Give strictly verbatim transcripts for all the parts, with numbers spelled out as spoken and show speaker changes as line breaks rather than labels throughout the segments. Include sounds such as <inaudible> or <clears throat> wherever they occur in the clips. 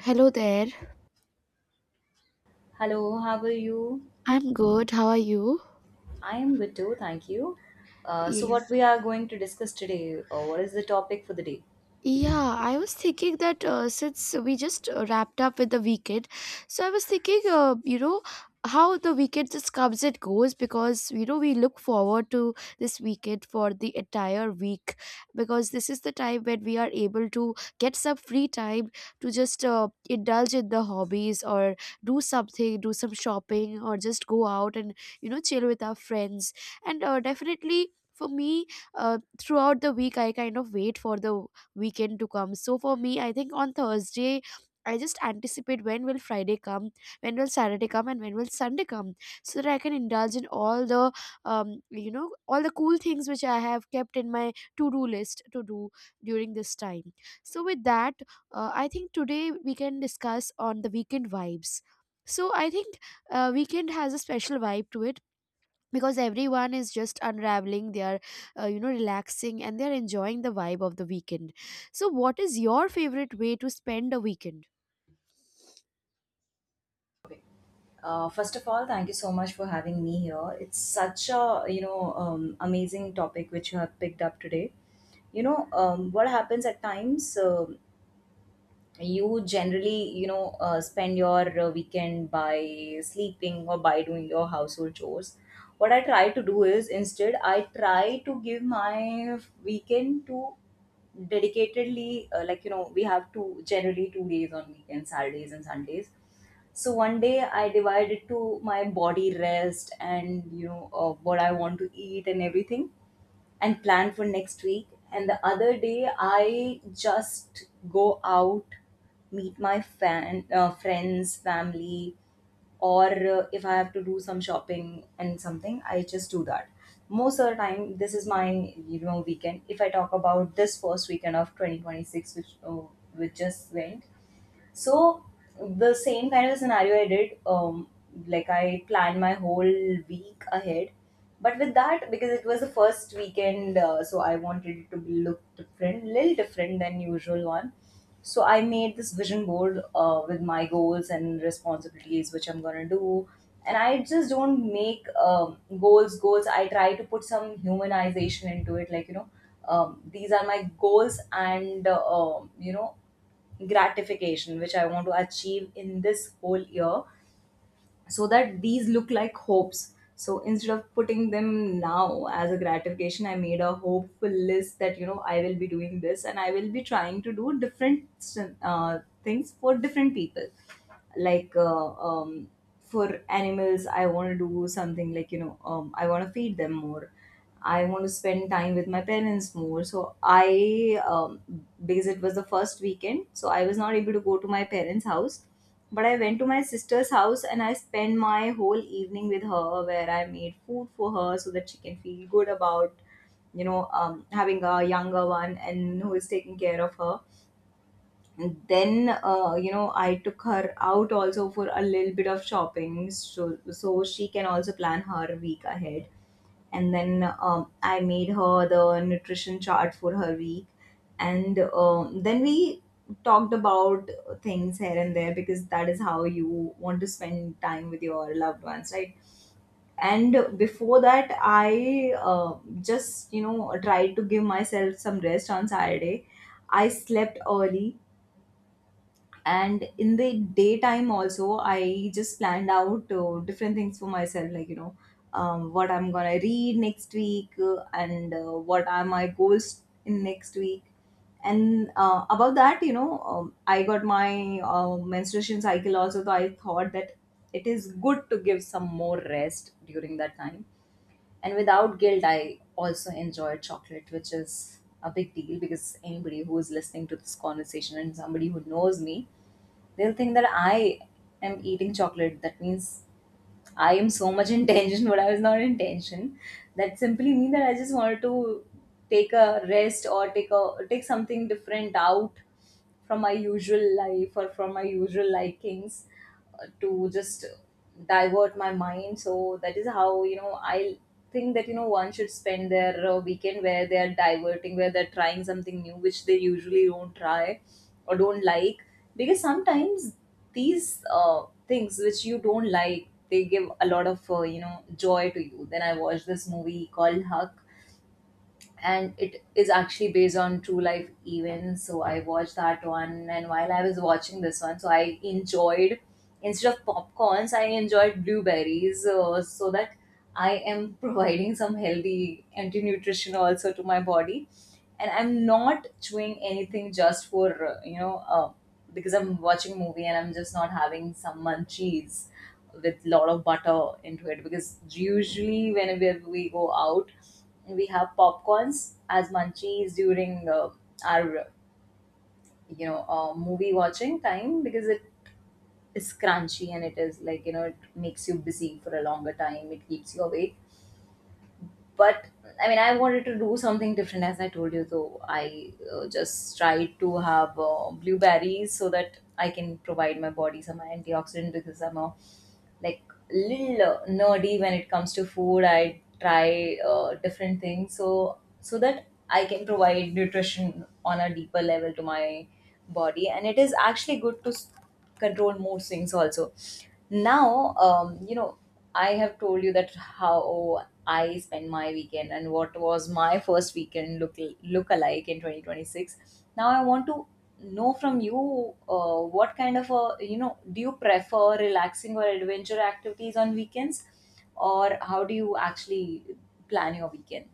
Hello there.
Hello, how are you?
I'm good. How are you?
I am good too, thank you. Uh, so,
Yes.
what we are going to discuss today, or what is the topic for the day?
Yeah, I was thinking that uh, since we just uh, wrapped up with the weekend, so I was thinking, uh, you know, how the weekend just comes and goes because, you know, we look forward to this weekend for the entire week because this is the time when we are able to get some free time to just uh, indulge in the hobbies or do something, do some shopping or just go out and, you know, chill with our friends. And uh, definitely, for me, uh, throughout the week, I kind of wait for the weekend to come. So for me, I think on Thursday, I just anticipate when will Friday come, when will Saturday come, and when will Sunday come, so that I can indulge in all the, um, you know, all the cool things which I have kept in my to-do list to do during this time. So with that, uh, I think today we can discuss on the weekend vibes. So I think uh, weekend has a special vibe to it because everyone is just unraveling they are uh, you know relaxing and they are enjoying the vibe of the weekend. So what is your favorite way to spend a weekend?
Okay. Uh, first of all, thank you so much for having me here. It's such a you know um, amazing topic which you have picked up today. You know um, what happens at times. Uh, you generally you know uh, spend your uh, weekend by sleeping or by doing your household chores. What I try to do is instead I try to give my weekend to dedicatedly, uh, like you know we have two generally two days on weekends, Saturdays and Sundays. So one day I divided to my body rest and you know uh, what I want to eat and everything, and plan for next week. And the other day, I just go out, meet my fan, uh, friends, family, or uh, if I have to do some shopping and something, I just do that. Most of the time, this is my you know weekend. If I talk about this first weekend of twenty twenty-six, which uh, which just went, so the same kind of scenario I did, um, like I planned my whole week ahead. But with that, because it was the first weekend, uh, so I wanted it to be- look different, little different than usual one. So I made this vision board uh, with my goals and responsibilities, which I'm gonna do. And I just don't make um, goals goals. I try to put some humanization into it, like you know, um, these are my goals, and uh, um, you know, gratification which I want to achieve in this whole year, so that these look like hopes. So instead of putting them now as a gratification, I made a hopeful list that you know I will be doing this, and I will be trying to do different uh, things for different people. Like, uh, um, for animals, I want to do something like you know, um, I want to feed them more. I want to spend time with my parents more, so I um, because it was the first weekend, so I was not able to go to my parents' house. But I went to my sister's house, and I spent my whole evening with her where I made food for her so that she can feel good about, you know, um, having a younger one and who is taking care of her. Then uh, you know I took her out also for a little bit of shopping, so, so she can also plan her week ahead. And then um, I made her the nutrition chart for her week. And um, then we talked about things here and there, because that is how you want to spend time with your loved ones, right? And before that, I uh, just you know tried to give myself some rest on Saturday. I slept early. And in the daytime also, I just planned out uh, different things for myself, like you know, um, what I'm gonna read next week, uh, and uh, what are my goals in next week. And uh, about that, you know, um, I got my uh, menstruation cycle also, so I thought that it is good to give some more rest during that time. And without guilt, I also enjoyed chocolate, which is a big deal, because anybody who is listening to this conversation and somebody who knows me, They'll think that I am eating chocolate. That means I am so much in tension, <laughs> but I was not in tension. That simply means that I just wanted to take a rest, or take a take something different out from my usual life or from my usual likings, uh, to just divert my mind. So that is how, you know, I think that you know one should spend their uh, weekend where they are diverting, where they're trying something new, which they usually don't try or don't like, because sometimes these uh, things which you don't like, they give a lot of uh, you know joy to you. Then I watched this movie called Huck, and it is actually based on true life events. So I watched that one, and while I was watching this one, so I enjoyed, instead of popcorns, I enjoyed blueberries, uh, so that I am <laughs> providing some healthy anti nutrition also to my body, and I'm not chewing anything just for uh, you know uh, because I'm watching movie, and I'm just not having some munchies with lot of butter into it, because usually whenever we go out, we have popcorns as munchies during uh, our you know uh, movie watching time, because it is crunchy, and it is like you know, it makes you busy for a longer time, it keeps you awake. But I mean, I wanted to do something different, as I told you. So I uh, just tried to have uh, blueberries, so that I can provide my body some antioxidant, because I'm a like little uh, nerdy when it comes to food. I try uh, different things, so so that I can provide nutrition on a deeper level to my body. And it is actually good to s- control mood swings also. Now, um, you know I have told you that how I spend my weekend and what was my first weekend look look alike in twenty twenty-six. Now I want to know from you uh, what kind of a, you know, do you prefer relaxing or adventure activities on weekends, or how do you actually plan your weekend?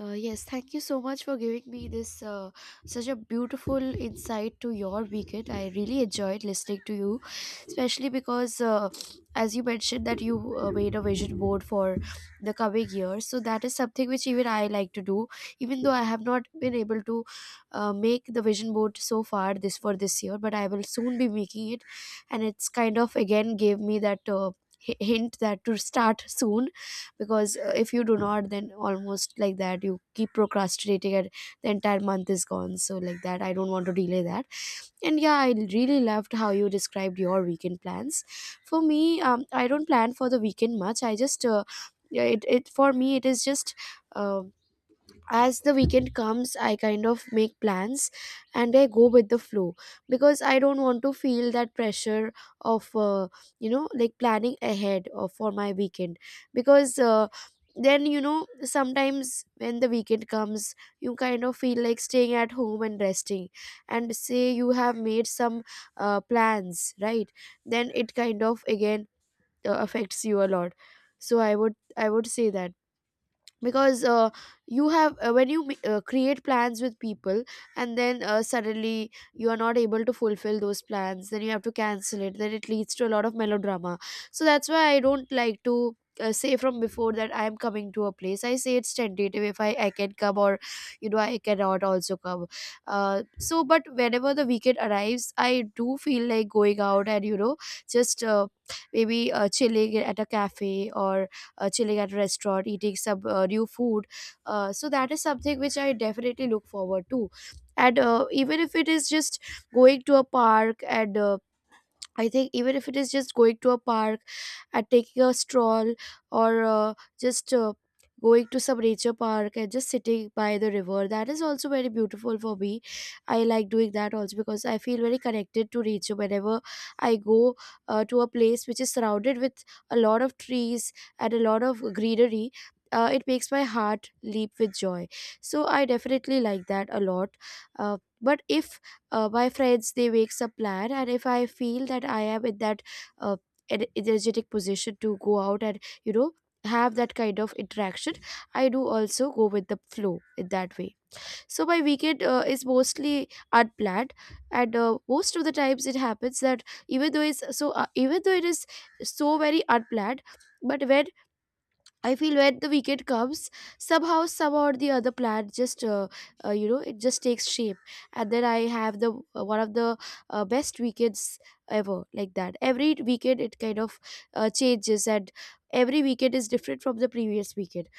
Uh, yes, thank you so much for giving me this uh, such a beautiful insight to your weekend. I really enjoyed listening to you, especially because, uh, as you mentioned, that you uh, made a vision board for the coming year. So that is something which even I like to do, even though I have not been able to uh, make the vision board so far this for this year. But I will soon be making it, and it's kind of again gave me that. Uh, hi- hint that to start soon because uh, if you do not then almost like that you keep procrastinating and the entire month is gone, so like that I don't want to delay that. And yeah, I really loved how you described your weekend plans. For me, um, I don't plan for the weekend much, I just uh, yeah, it, it for me it is just um as the weekend comes I kind of make plans and I go with the flow, because I don't want to feel that pressure of uh, you know like planning ahead of for my weekend. Because uh, then you know sometimes when the weekend comes you kind of feel like staying at home and resting, and say you have made some uh, plans, right? Then it kind of again uh, affects you a lot. So i would i would say that, because uh, you have uh, when you ma- uh, create plans with people and then uh, suddenly you are not able to fulfill those plans, then you have to cancel it, then it leads to a lot of melodrama. So that's why I don't like to uh, say from before that I am coming to a place. I say it's tentative if i i can come or you know I cannot also come. Uh, so but whenever the weekend arrives I do feel like going out and you know just uh, maybe uh, chilling at a cafe or uh, chilling at a restaurant, eating some uh, new food. Uh, so that is something which I definitely look forward to. And uh, even if it is just going to a park, and uh, I think even if it is just going to a park at taking a stroll or uh, just uh, going to some nature park and just sitting by the river, that is also very beautiful for me. I like doing that also because I feel very connected to nature whenever I go uh, to a place which is surrounded with a lot of trees and a lot of greenery. Uh, it makes my heart leap with joy, so I definitely like that a lot. uh, but if uh, my friends they make some plan and if I feel that I am in that uh, en- energetic position to go out and you know have that kind of interaction, I do also go with the flow in that way. So my weekend uh, is mostly unplanned, and uh, most of the times it happens that even though it's so uh, even though it is so very unplanned, but when I feel when the weekend comes, somehow, somehow or the other plan just, uh, uh, you know, it just takes shape, and then I have the uh, one of the uh, best weekends ever, like that. Every weekend it kind of uh, changes, and every weekend is different from the previous weekend.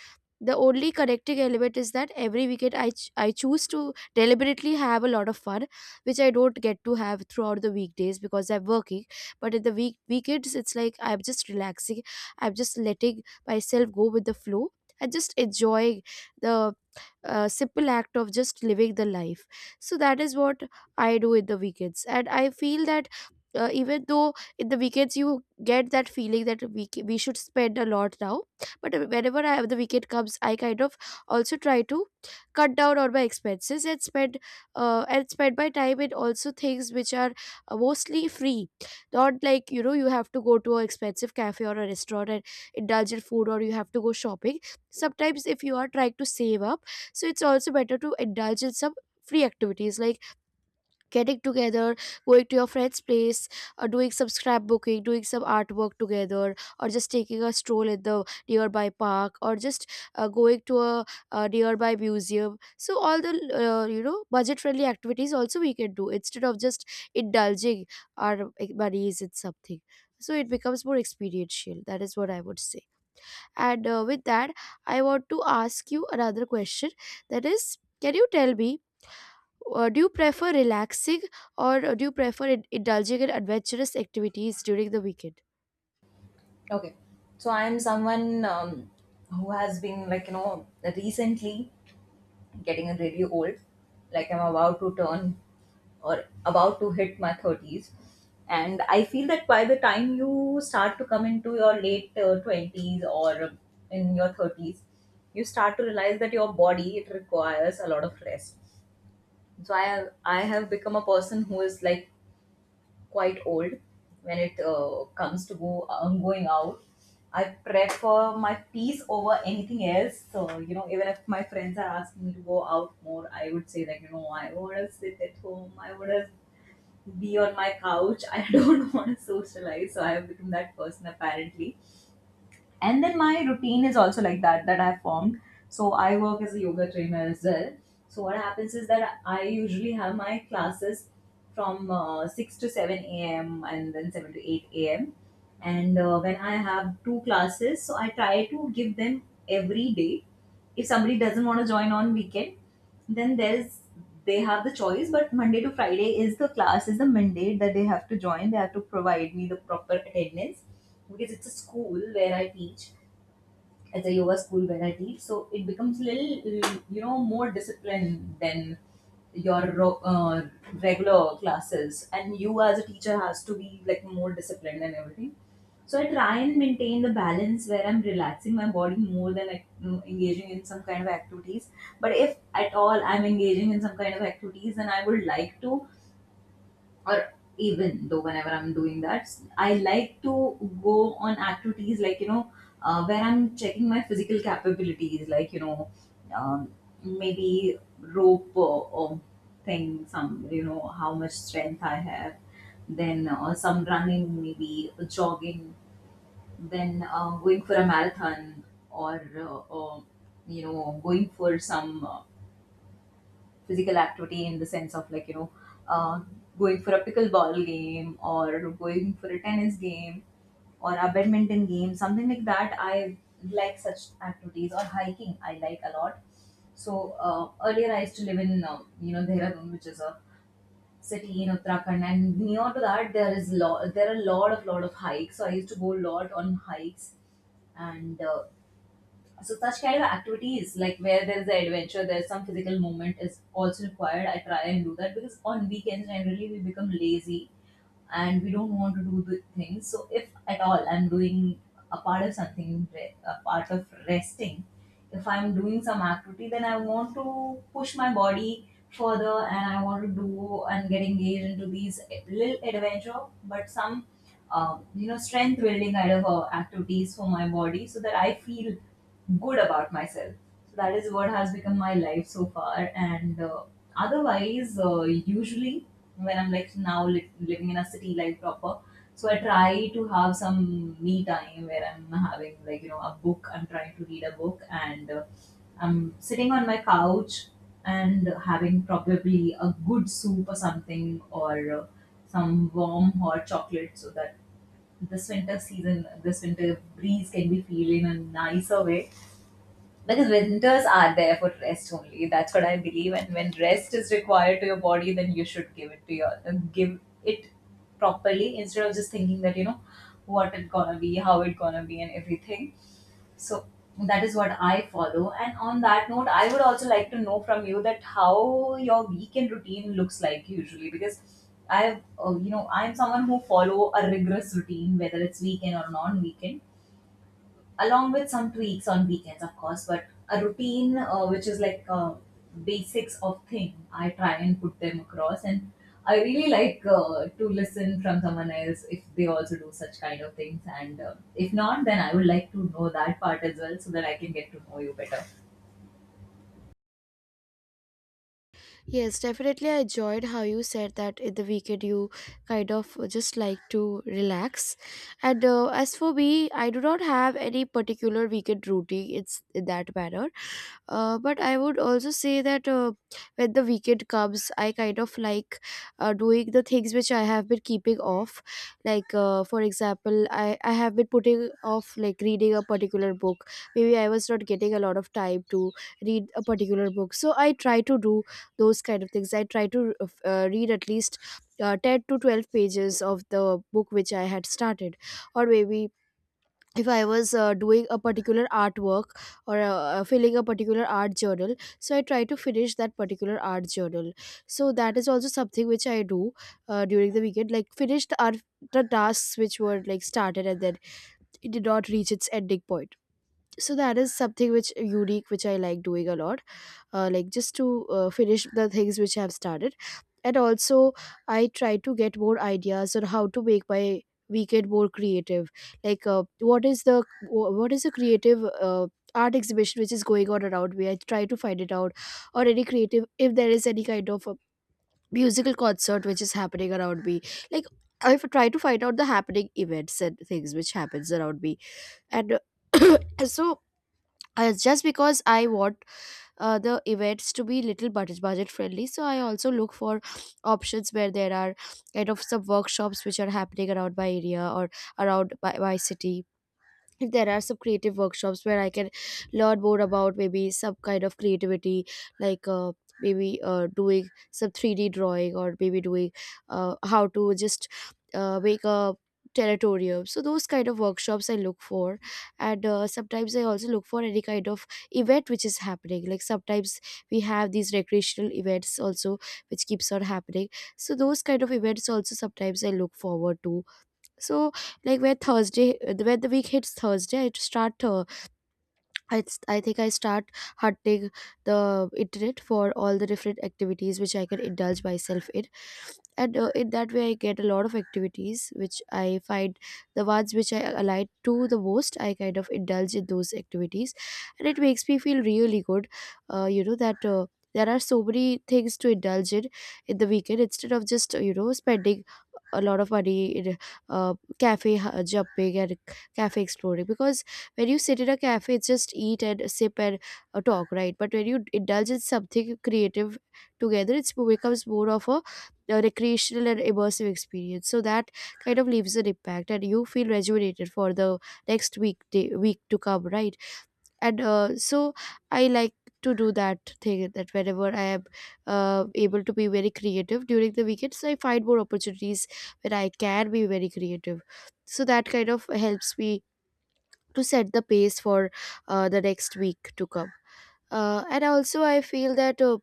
The only correcting element is that every weekend I, ch- I choose to deliberately have a lot of fun, which I don't get to have throughout the weekdays because I'm working. But in the week weekends it's like I'm just relaxing, I'm just letting myself go with the flow and just enjoying the uh, simple act of just living the life. So that is what I do in the weekends. And I feel that uh, even though in the weekends you get that feeling that we, c- we should spend a lot now, but whenever I have the weekend comes I kind of also try to cut down on my expenses and spend uh, and spend my time in also things which are uh, mostly free. Not like you know you have to go to an expensive cafe or a restaurant and indulge in food, or you have to go shopping. Sometimes if you are trying to save up, so it's also better to indulge in some free activities like getting together, going to your friend's place, or doing some scrapbooking, doing some artwork together, or just taking a stroll in the nearby park, or just uh, going to a, a nearby museum. So all the uh, you know budget-friendly activities also we can do instead of just indulging our like, monies in something. So it becomes more experiential. That is what I would say. And uh, with that, I want to ask you another question. That is, can you tell me uh, do you prefer relaxing or uh, do you prefer in- indulging in adventurous activities during the weekend?
Okay. So I am someone, um, who has been like, you know, recently getting really old. Like I'm about to turn or about to hit my thirties. And I feel that by the time you start to come into your late uh, twenties or in your thirties, you start to realize that your body it requires a lot of rest. So I have, I have become a person who is like quite old when it uh, comes to go um, going out. I prefer my peace over anything else. So you know, even if my friends are asking me to go out more, I would say like you know, I want to sit at home. I want to be on my couch. <laughs> I don't want to socialize. So I have become that person apparently, and then my routine is also like that that I've formed. So I work as a yoga trainer as well. So what happens is that I usually have my classes from uh, six to seven a m, and then seven to eight a m, and uh, when I have two classes, so I try to give them every day. If somebody doesn't want to join on weekend, then there's they have the choice. But Monday to Friday is the class, is the mandate that they have to join, they have to provide me the proper attendance, because it's a school where I teach, at the yoga school where I teach. So it becomes little, you know, more disciplined than your ro- uh, regular classes. And you as a teacher has to be like more disciplined and everything. So I try and maintain the balance where I'm relaxing my body more than like, mm, engaging in some kind of activities. But if at all I'm engaging in some kind of activities, then I would like to, or even though whenever I'm doing that, I like to go on activities like, you know, uh, where I'm checking my physical capabilities, like, you know, um, maybe rope or, or thing, some, you know, how much strength I have, then uh, some running, maybe jogging, then uh, going for a marathon, or uh, uh, you know, going for some. Uh, physical activity in the sense of like you know, uh, going for a pickleball game or going for a tennis game or a badminton game, something like that. I like such activities, or hiking I like a lot. So uh, earlier I used to live in uh, you know Dehradun, which is a city in Uttarakhand, and near to that there is lot there are a lot of lot of hikes. So I used to go a lot on hikes, and uh, so such kind of activities, like where there is an adventure, there's some physical movement is also required. I try and do that because on weekends generally we become lazy, and we don't want to do the things. So if at all I'm doing a part of something, re- a part of resting, if I'm doing some activity, then I want to push my body further, and I want to do and get engaged into these little adventure, but some um, you know strength building kind of uh, activities for my body, so that I feel good about myself. So that is what has become my life so far. And uh, otherwise, uh, usually when I'm like now li- living in a city life proper, so I try to have some me time where I'm having like you know a book. I'm trying to read a book, and uh, I'm sitting on my couch and having probably a good soup or something, or uh, some warm hot chocolate, so that this winter season, this winter breeze can be feel in a nicer way. Because winters are there for rest only. That's what I believe. And when rest is required to your body, then you should give it to your give it properly, instead of just thinking that you know what it gonna be, how it gonna be, and everything. So that is what I follow. And on that note, I would also like to know from you that how your weekend routine looks like usually, because I, uh, you know, I'm someone who follow a rigorous routine, whether it's weekend or non-weekend, along with some tweaks on weekends, of course, but a routine uh, which is like uh, basics of thing. I try and put them across, and I really like uh, to listen from someone else if they also do such kind of things, and uh, if not, then I would like to know that part as well so that I can get to know you better.
Yes, definitely. I enjoyed how you said that in the weekend you kind of just like to relax. And uh, as for me, I do not have any particular weekend routine. It's in that manner. Uh, but I would also say that uh, when the weekend comes, I kind of like uh, doing the things which I have been keeping off. Like, uh, for example, I, I have been putting off like reading a particular book. Maybe I was not getting a lot of time to read a particular book. So I try to do those kind of things. I try to uh, read at least uh, ten to twelve pages of the book which I had started, or maybe if I was uh, doing a particular artwork or uh, uh, filling a particular art journal, so I try to finish that particular art journal. So that is also something which I do uh, during the weekend, like finish the art, the tasks which were like started and then it did not reach its ending point. So that is something which unique which I like doing a lot. Uh, like just to uh, finish the things which I have started. And also, I try to get more ideas on how to make my weekend more creative. Like, uh, what is the what is the creative uh, art exhibition which is going on around me? I try to find it out, or any creative if there is any kind of a musical concert which is happening around me. Like, I try to find out the happening events and things which happens around me, and <coughs> <clears throat> so. Uh, just because I want uh, the events to be little budget budget friendly, so I also look for options where there are kind of some workshops which are happening around my area or around my, my city. If there are some creative workshops where I can learn more about maybe some kind of creativity, like uh, maybe uh, doing some three d drawing, or maybe doing uh, how to just uh, make a territorium. So those kind of workshops I look for. And uh, sometimes I also look for any kind of event which is happening. Like sometimes we have these recreational events also which keeps on happening, so those kind of events also sometimes I look forward to. So, like, where Thursday, where the week hits Thursday, I start to I, I think I start hunting the internet for all the different activities which I can indulge myself in. And uh, in that way I get a lot of activities which I find the ones which I align to the most. I kind of indulge in those activities, and it makes me feel really good. Uh, you know that. Uh, there are so many things to indulge in in the weekend, instead of just uh, you know spending a lot of money in uh, cafe uh, jumping and cafe exploring, because when you sit in a cafe it's just eat and sip and uh, talk, right? But when you indulge in something creative together, it becomes more of a, a recreational and immersive experience. So that kind of leaves an impact, and you feel rejuvenated for the next week day, week to come, right? And uh, so I like to do that thing, that whenever I am uh, able to be very creative during the weekends, I find more opportunities where I can be very creative. So that kind of helps me to set the pace for uh, the next week to come. uh, and also I feel that uh,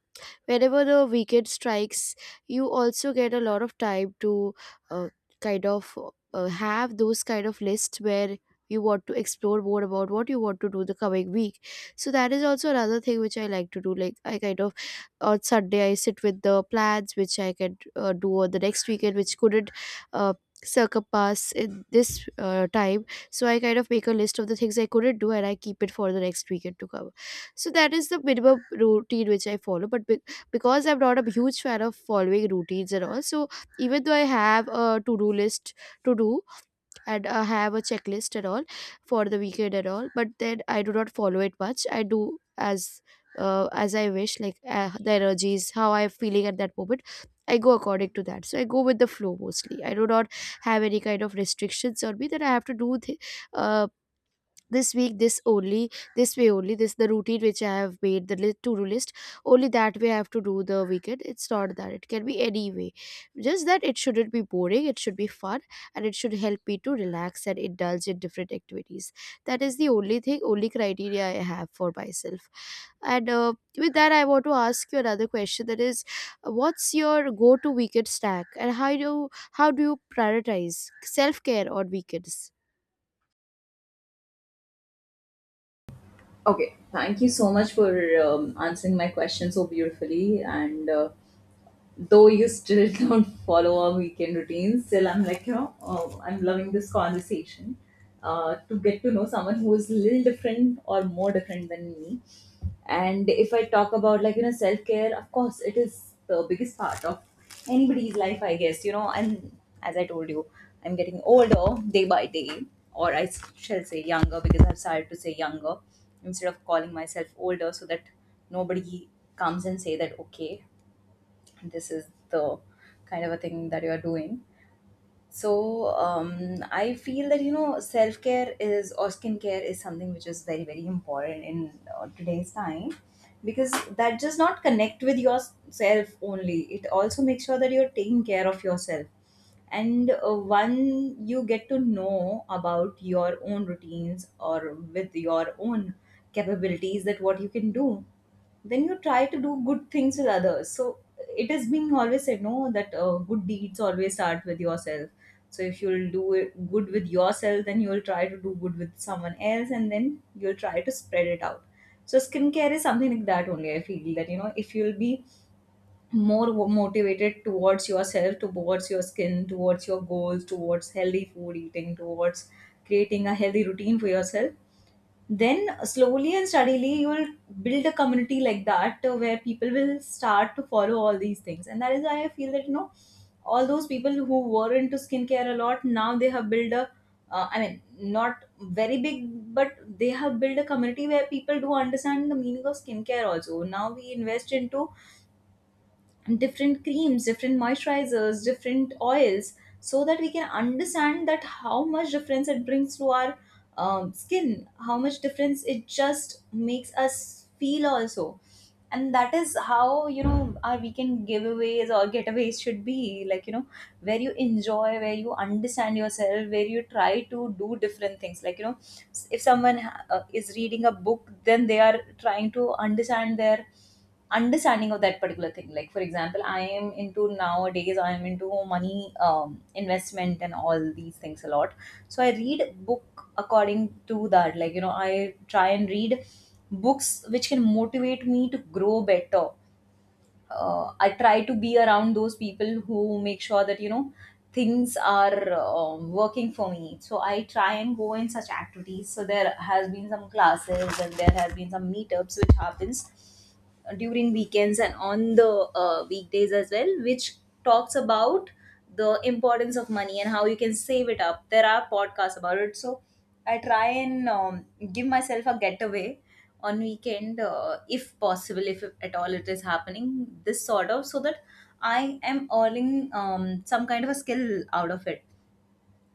whenever the weekend strikes, you also get a lot of time to uh, kind of uh, have those kind of lists where you want to explore more about what you want to do the coming week. So that is also another thing which I like to do. Like, I kind of, on Sunday I sit with the plans which I can uh, do on the next weekend, which couldn't uh, circumpass in this uh, time. So I kind of make a list of the things I couldn't do, and I keep it for the next weekend to come. So that is the bit of routine which I follow. But be- because I'm not a huge fan of following routines and all, so even though I have a to do list to do, and I have a checklist and all for the weekend and all, but then I do not follow it much. I do as uh, as I wish, like uh, the energies, how I'm feeling at that moment. I go according to that. So I go with the flow mostly. I do not have any kind of restrictions on me that I have to do th- uh, this week this only, this way only, this the routine which I have made, the li- to-do list, only that way I have to do the weekend. It's not that. It can be any way, just that it shouldn't be boring, it should be fun, and it should help me to relax and indulge in different activities. That is the only thing, only criteria I have for myself. And uh, with that I want to ask you another question, that is, what's your go-to weekend snack and how do how do you prioritize self-care on weekends?
Okay, thank you so much for um, answering my question so beautifully. And uh, though you still <laughs> don't follow our weekend routines, still I'm like, you know, oh, I'm loving this conversation uh, to get to know someone who is a little different or more different than me. And if I talk about like, you know, self care, of course, it is the biggest part of anybody's life, I guess, you know. And as I told you, I'm getting older day by day, or I s- shall say younger, because I've started to say younger instead of calling myself older, so that nobody comes and say that okay, this is the kind of a thing that you are doing. So um, I feel that you know self-care is or skincare is something which is very very important in uh, today's time, because that does not connect with yourself only, it also makes sure that you're taking care of yourself. And uh, one you get to know about your own routines or with your own capabilities that what you can do, then you try to do good things with others. So it has been always said, no, that uh, good deeds always start with yourself. So if you'll do it good with yourself, then you'll try to do good with someone else, and then you'll try to spread it out. So skincare is something like that only. I feel that you know if you'll be more wo- motivated towards yourself, towards your skin, towards your goals, towards healthy food eating, towards creating a healthy routine for yourself, then slowly and steadily you will build a community like that uh, where people will start to follow all these things. And that is why I feel that, you know, all those people who were into skincare a lot, now they have built a uh, I mean, not very big, but they have built a community where people do understand the meaning of skincare also. Now we invest into different creams, different moisturizers, different oils, so that we can understand that how much difference it brings to our um, skin, how much difference it just makes us feel also. And that is how you know our weekend giveaways or getaways should be like, you know, where you enjoy, where you understand yourself, where you try to do different things. Like you know, if someone ha- uh, is reading a book, then they are trying to understand their understanding of that particular thing. Like for example, I am into, nowadays I am into money um, investment and all these things a lot, so I read book according to that. Like you know, I try and read books which can motivate me to grow better. uh, I try to be around those people who make sure that you know things are um working for me. So I try and go in such activities. So there has been some classes and there has been some meetups which happens during weekends and on the uh, weekdays as well, which talks about the importance of money and how you can save it up. There are podcasts about it. So I try and um, give myself a getaway on weekend uh, if possible, if at all it is happening, this sort of, so that I am earning um, some kind of a skill out of it,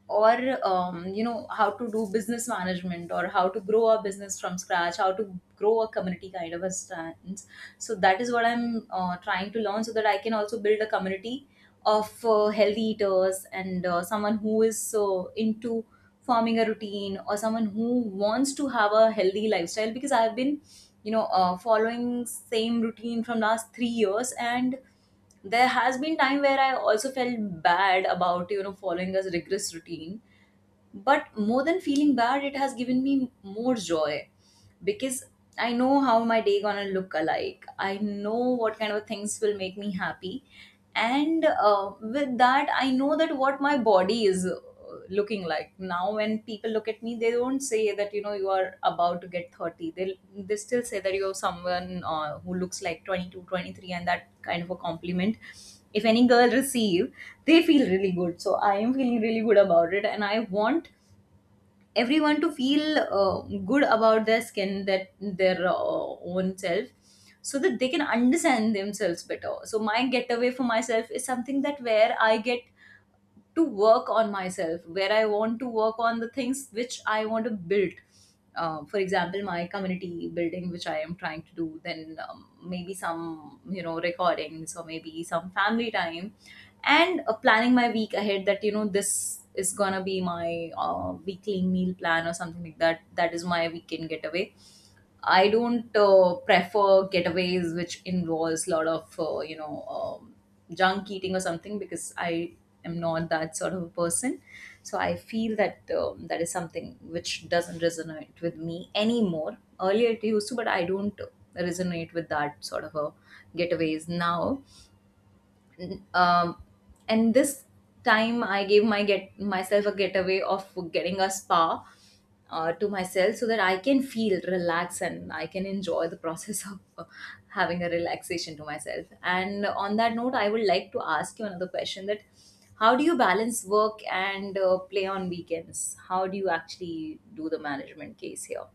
or um, you know how to do business management or how to grow a business from scratch, how to grow a community kind of a stance. So that is what I'm uh, trying to learn, so that I can also build a community of uh, healthy eaters, and uh, someone who is uh, into forming a routine or someone who wants to have a healthy lifestyle. Because I've been you know uh, following same routine from last three years, and there has been time where I also felt bad about you know following a rigorous routine, but more than feeling bad it has given me more joy, because I know how my day gonna look alike. I know what kind of things will make me happy, and uh, with that, I know that what my body is uh, looking like now. When people look at me, they don't say that you know you are about to get thirty. They they still say that you're someone uh, who looks like twenty two, twenty three, and that kind of a compliment. If any girl receive, they feel really good. So I am feeling really good about it, and I want everyone to feel uh, good about their skin, that their uh, own self, so that they can understand themselves better. So my getaway for myself is something that where I get to work on myself, where I want to work on the things which I want to build. Uh, for example, my community building which I am trying to do, then um, maybe some you know recordings, or maybe some family time, and uh, planning my week ahead, that you know this is gonna be my uh, weekly meal plan or something like that. That is my weekend getaway. I don't uh, prefer getaways which involves a lot of uh, you know um, junk eating or something, because I am not that sort of a person. So I feel that um, that is something which doesn't resonate with me anymore. Earlier it used to, but I don't resonate with that sort of a getaways now. um, and this time I gave my get myself a getaway of getting a spa uh, to myself, so that I can feel relaxed and I can enjoy the process <laughs> of uh, having a relaxation to myself. And on that note, I would like to ask you another question, that how do you balance work and uh, play on weekends, how do you actually do the management case here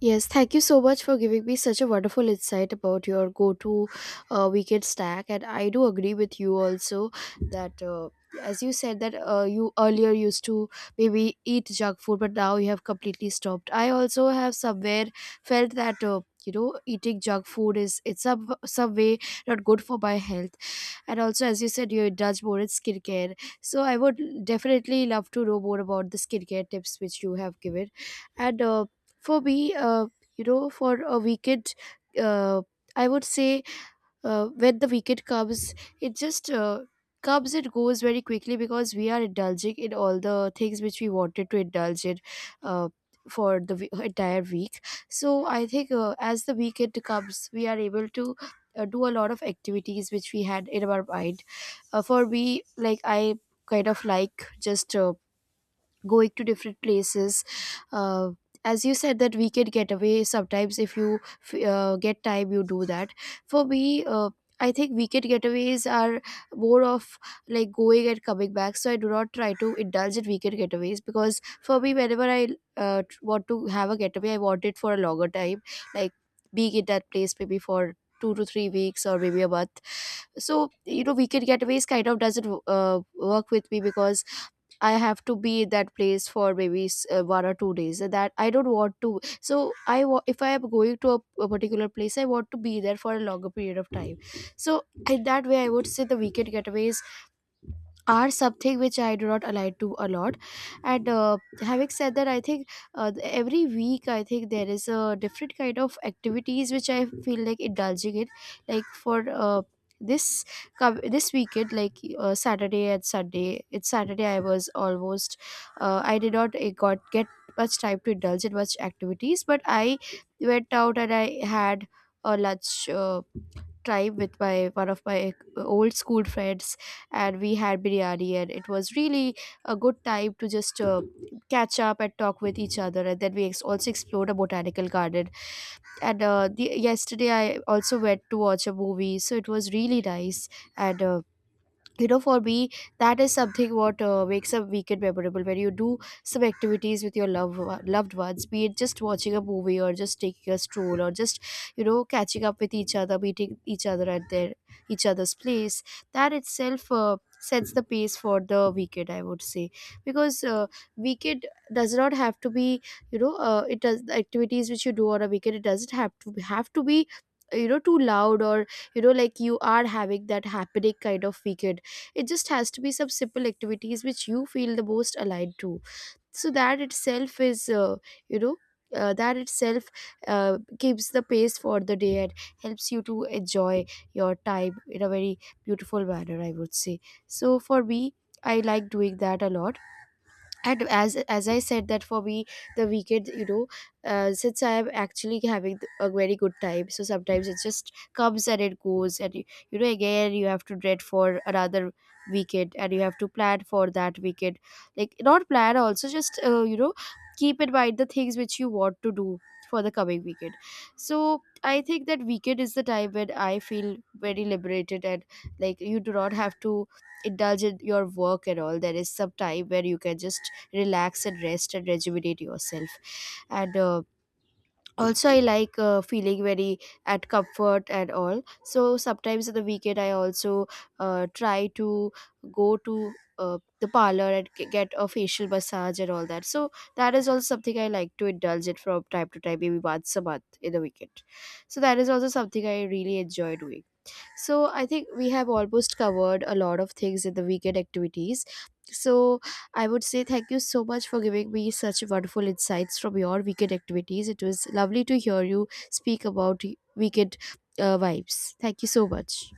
Yes, thank you so much for giving me such a wonderful insight about your go to uh, weekend stack. And I do agree with you also that. Uh, as you said that uh, you earlier used to maybe eat junk food, but now you have completely stopped, I also have somewhere felt that uh, you know, eating junk food is, it's some, some way not good for my health. And also, as you said, you does more in skincare, so I would definitely love to know more about the skincare tips which you have given. And uh, for me uh, you know, for a weekend, uh, I would say, uh, when the weekend comes, it just uh, comes and goes very quickly because we are indulging in all the things which we wanted to indulge in uh, for the we- entire week. So I think uh, as the weekend comes, we are able to uh, do a lot of activities which we had in our mind. Uh, for me, like, I kind of like just uh, going to different places, uh, as you said that we can get away sometimes if you f- uh, get time, you do that. For me, uh, I think weekend getaways are more of like going and coming back. So I do not try to indulge in weekend getaways, because for me, whenever I uh, tr- want to have a getaway, I want it for a longer time, like being in that place maybe for two to three weeks or maybe a month. So, you know, weekend getaways kind of doesn't uh, work with me, because I have to be at that place for maybe s- uh, one or two days, uh, that I don't want to. So i wa- if I am going to a, a particular place, I want to be there for a longer period of time. So in that way, I would say the weekend getaways are something which I do not align to a lot. And uh, having said that, I think uh, th- every week I think there is a different kind of activities which I feel like indulging in. Like for uh, this com- this weekend, like uh, Saturday and Sunday. It's Saturday. I was almost uh, I did not uh, got get much time to indulge in much activities, but I went out and I had a lunch. Uh, time with my one of my eh, old school friends, and we had biryani and it was really a good time to just uh, catch up and talk with each other. And then we ex- also explored a botanical garden. And uh, the, yesterday I also went to watch a movie, so it was really nice. And uh, you know, for me, that is something what uh, makes a weekend memorable, when you do some activities with your loved one- loved ones, be it just watching a movie or just taking a stroll, or just, you know, catching up with each other, meeting each other at their each other's place. That itself uh, sets the pace for the weekend, I would say. Because uh, weekend does not have to be, you know, uh, it does, the activities which you do on a weekend, it doesn't have to have to be, you know, too loud, or, you know, like you are having that happening kind of weekend. It just has to be some simple activities which you feel the most aligned to. So that itself is, uh, you know uh, that itself uh, keeps the pace for the day, and helps you to enjoy your time in a very beautiful manner, I would say. So for me, I like doing that a lot. And, as as I said, that for me, the weekend, you know, uh, since I am actually having th- a very good time, so sometimes it just comes and it goes, and you, you know, again you have to dread for another weekend, and you have to plan for that weekend. Like, not plan also, just uh, you know, keep in mind the things which you want to do for the coming weekend. So I think that weekend is the time when I feel very liberated, and like, you do not have to indulge in your work and all, there is some time where you can just relax and rest and rejuvenate yourself. And uh, also I like uh, feeling very at comfort and all. So sometimes on the weekend I also uh, try to go to uh, the parlor and g- get a facial massage and all that. So that is also something I like to indulge it from time to time, maybe once a month in the weekend. So that is also something I really enjoy doing. So I think we have almost covered a lot of things in the weekend activities. So I would say thank you so much for giving me such wonderful insights from your weekend activities. It was lovely to hear you speak about weekend uh, vibes. Thank you so much.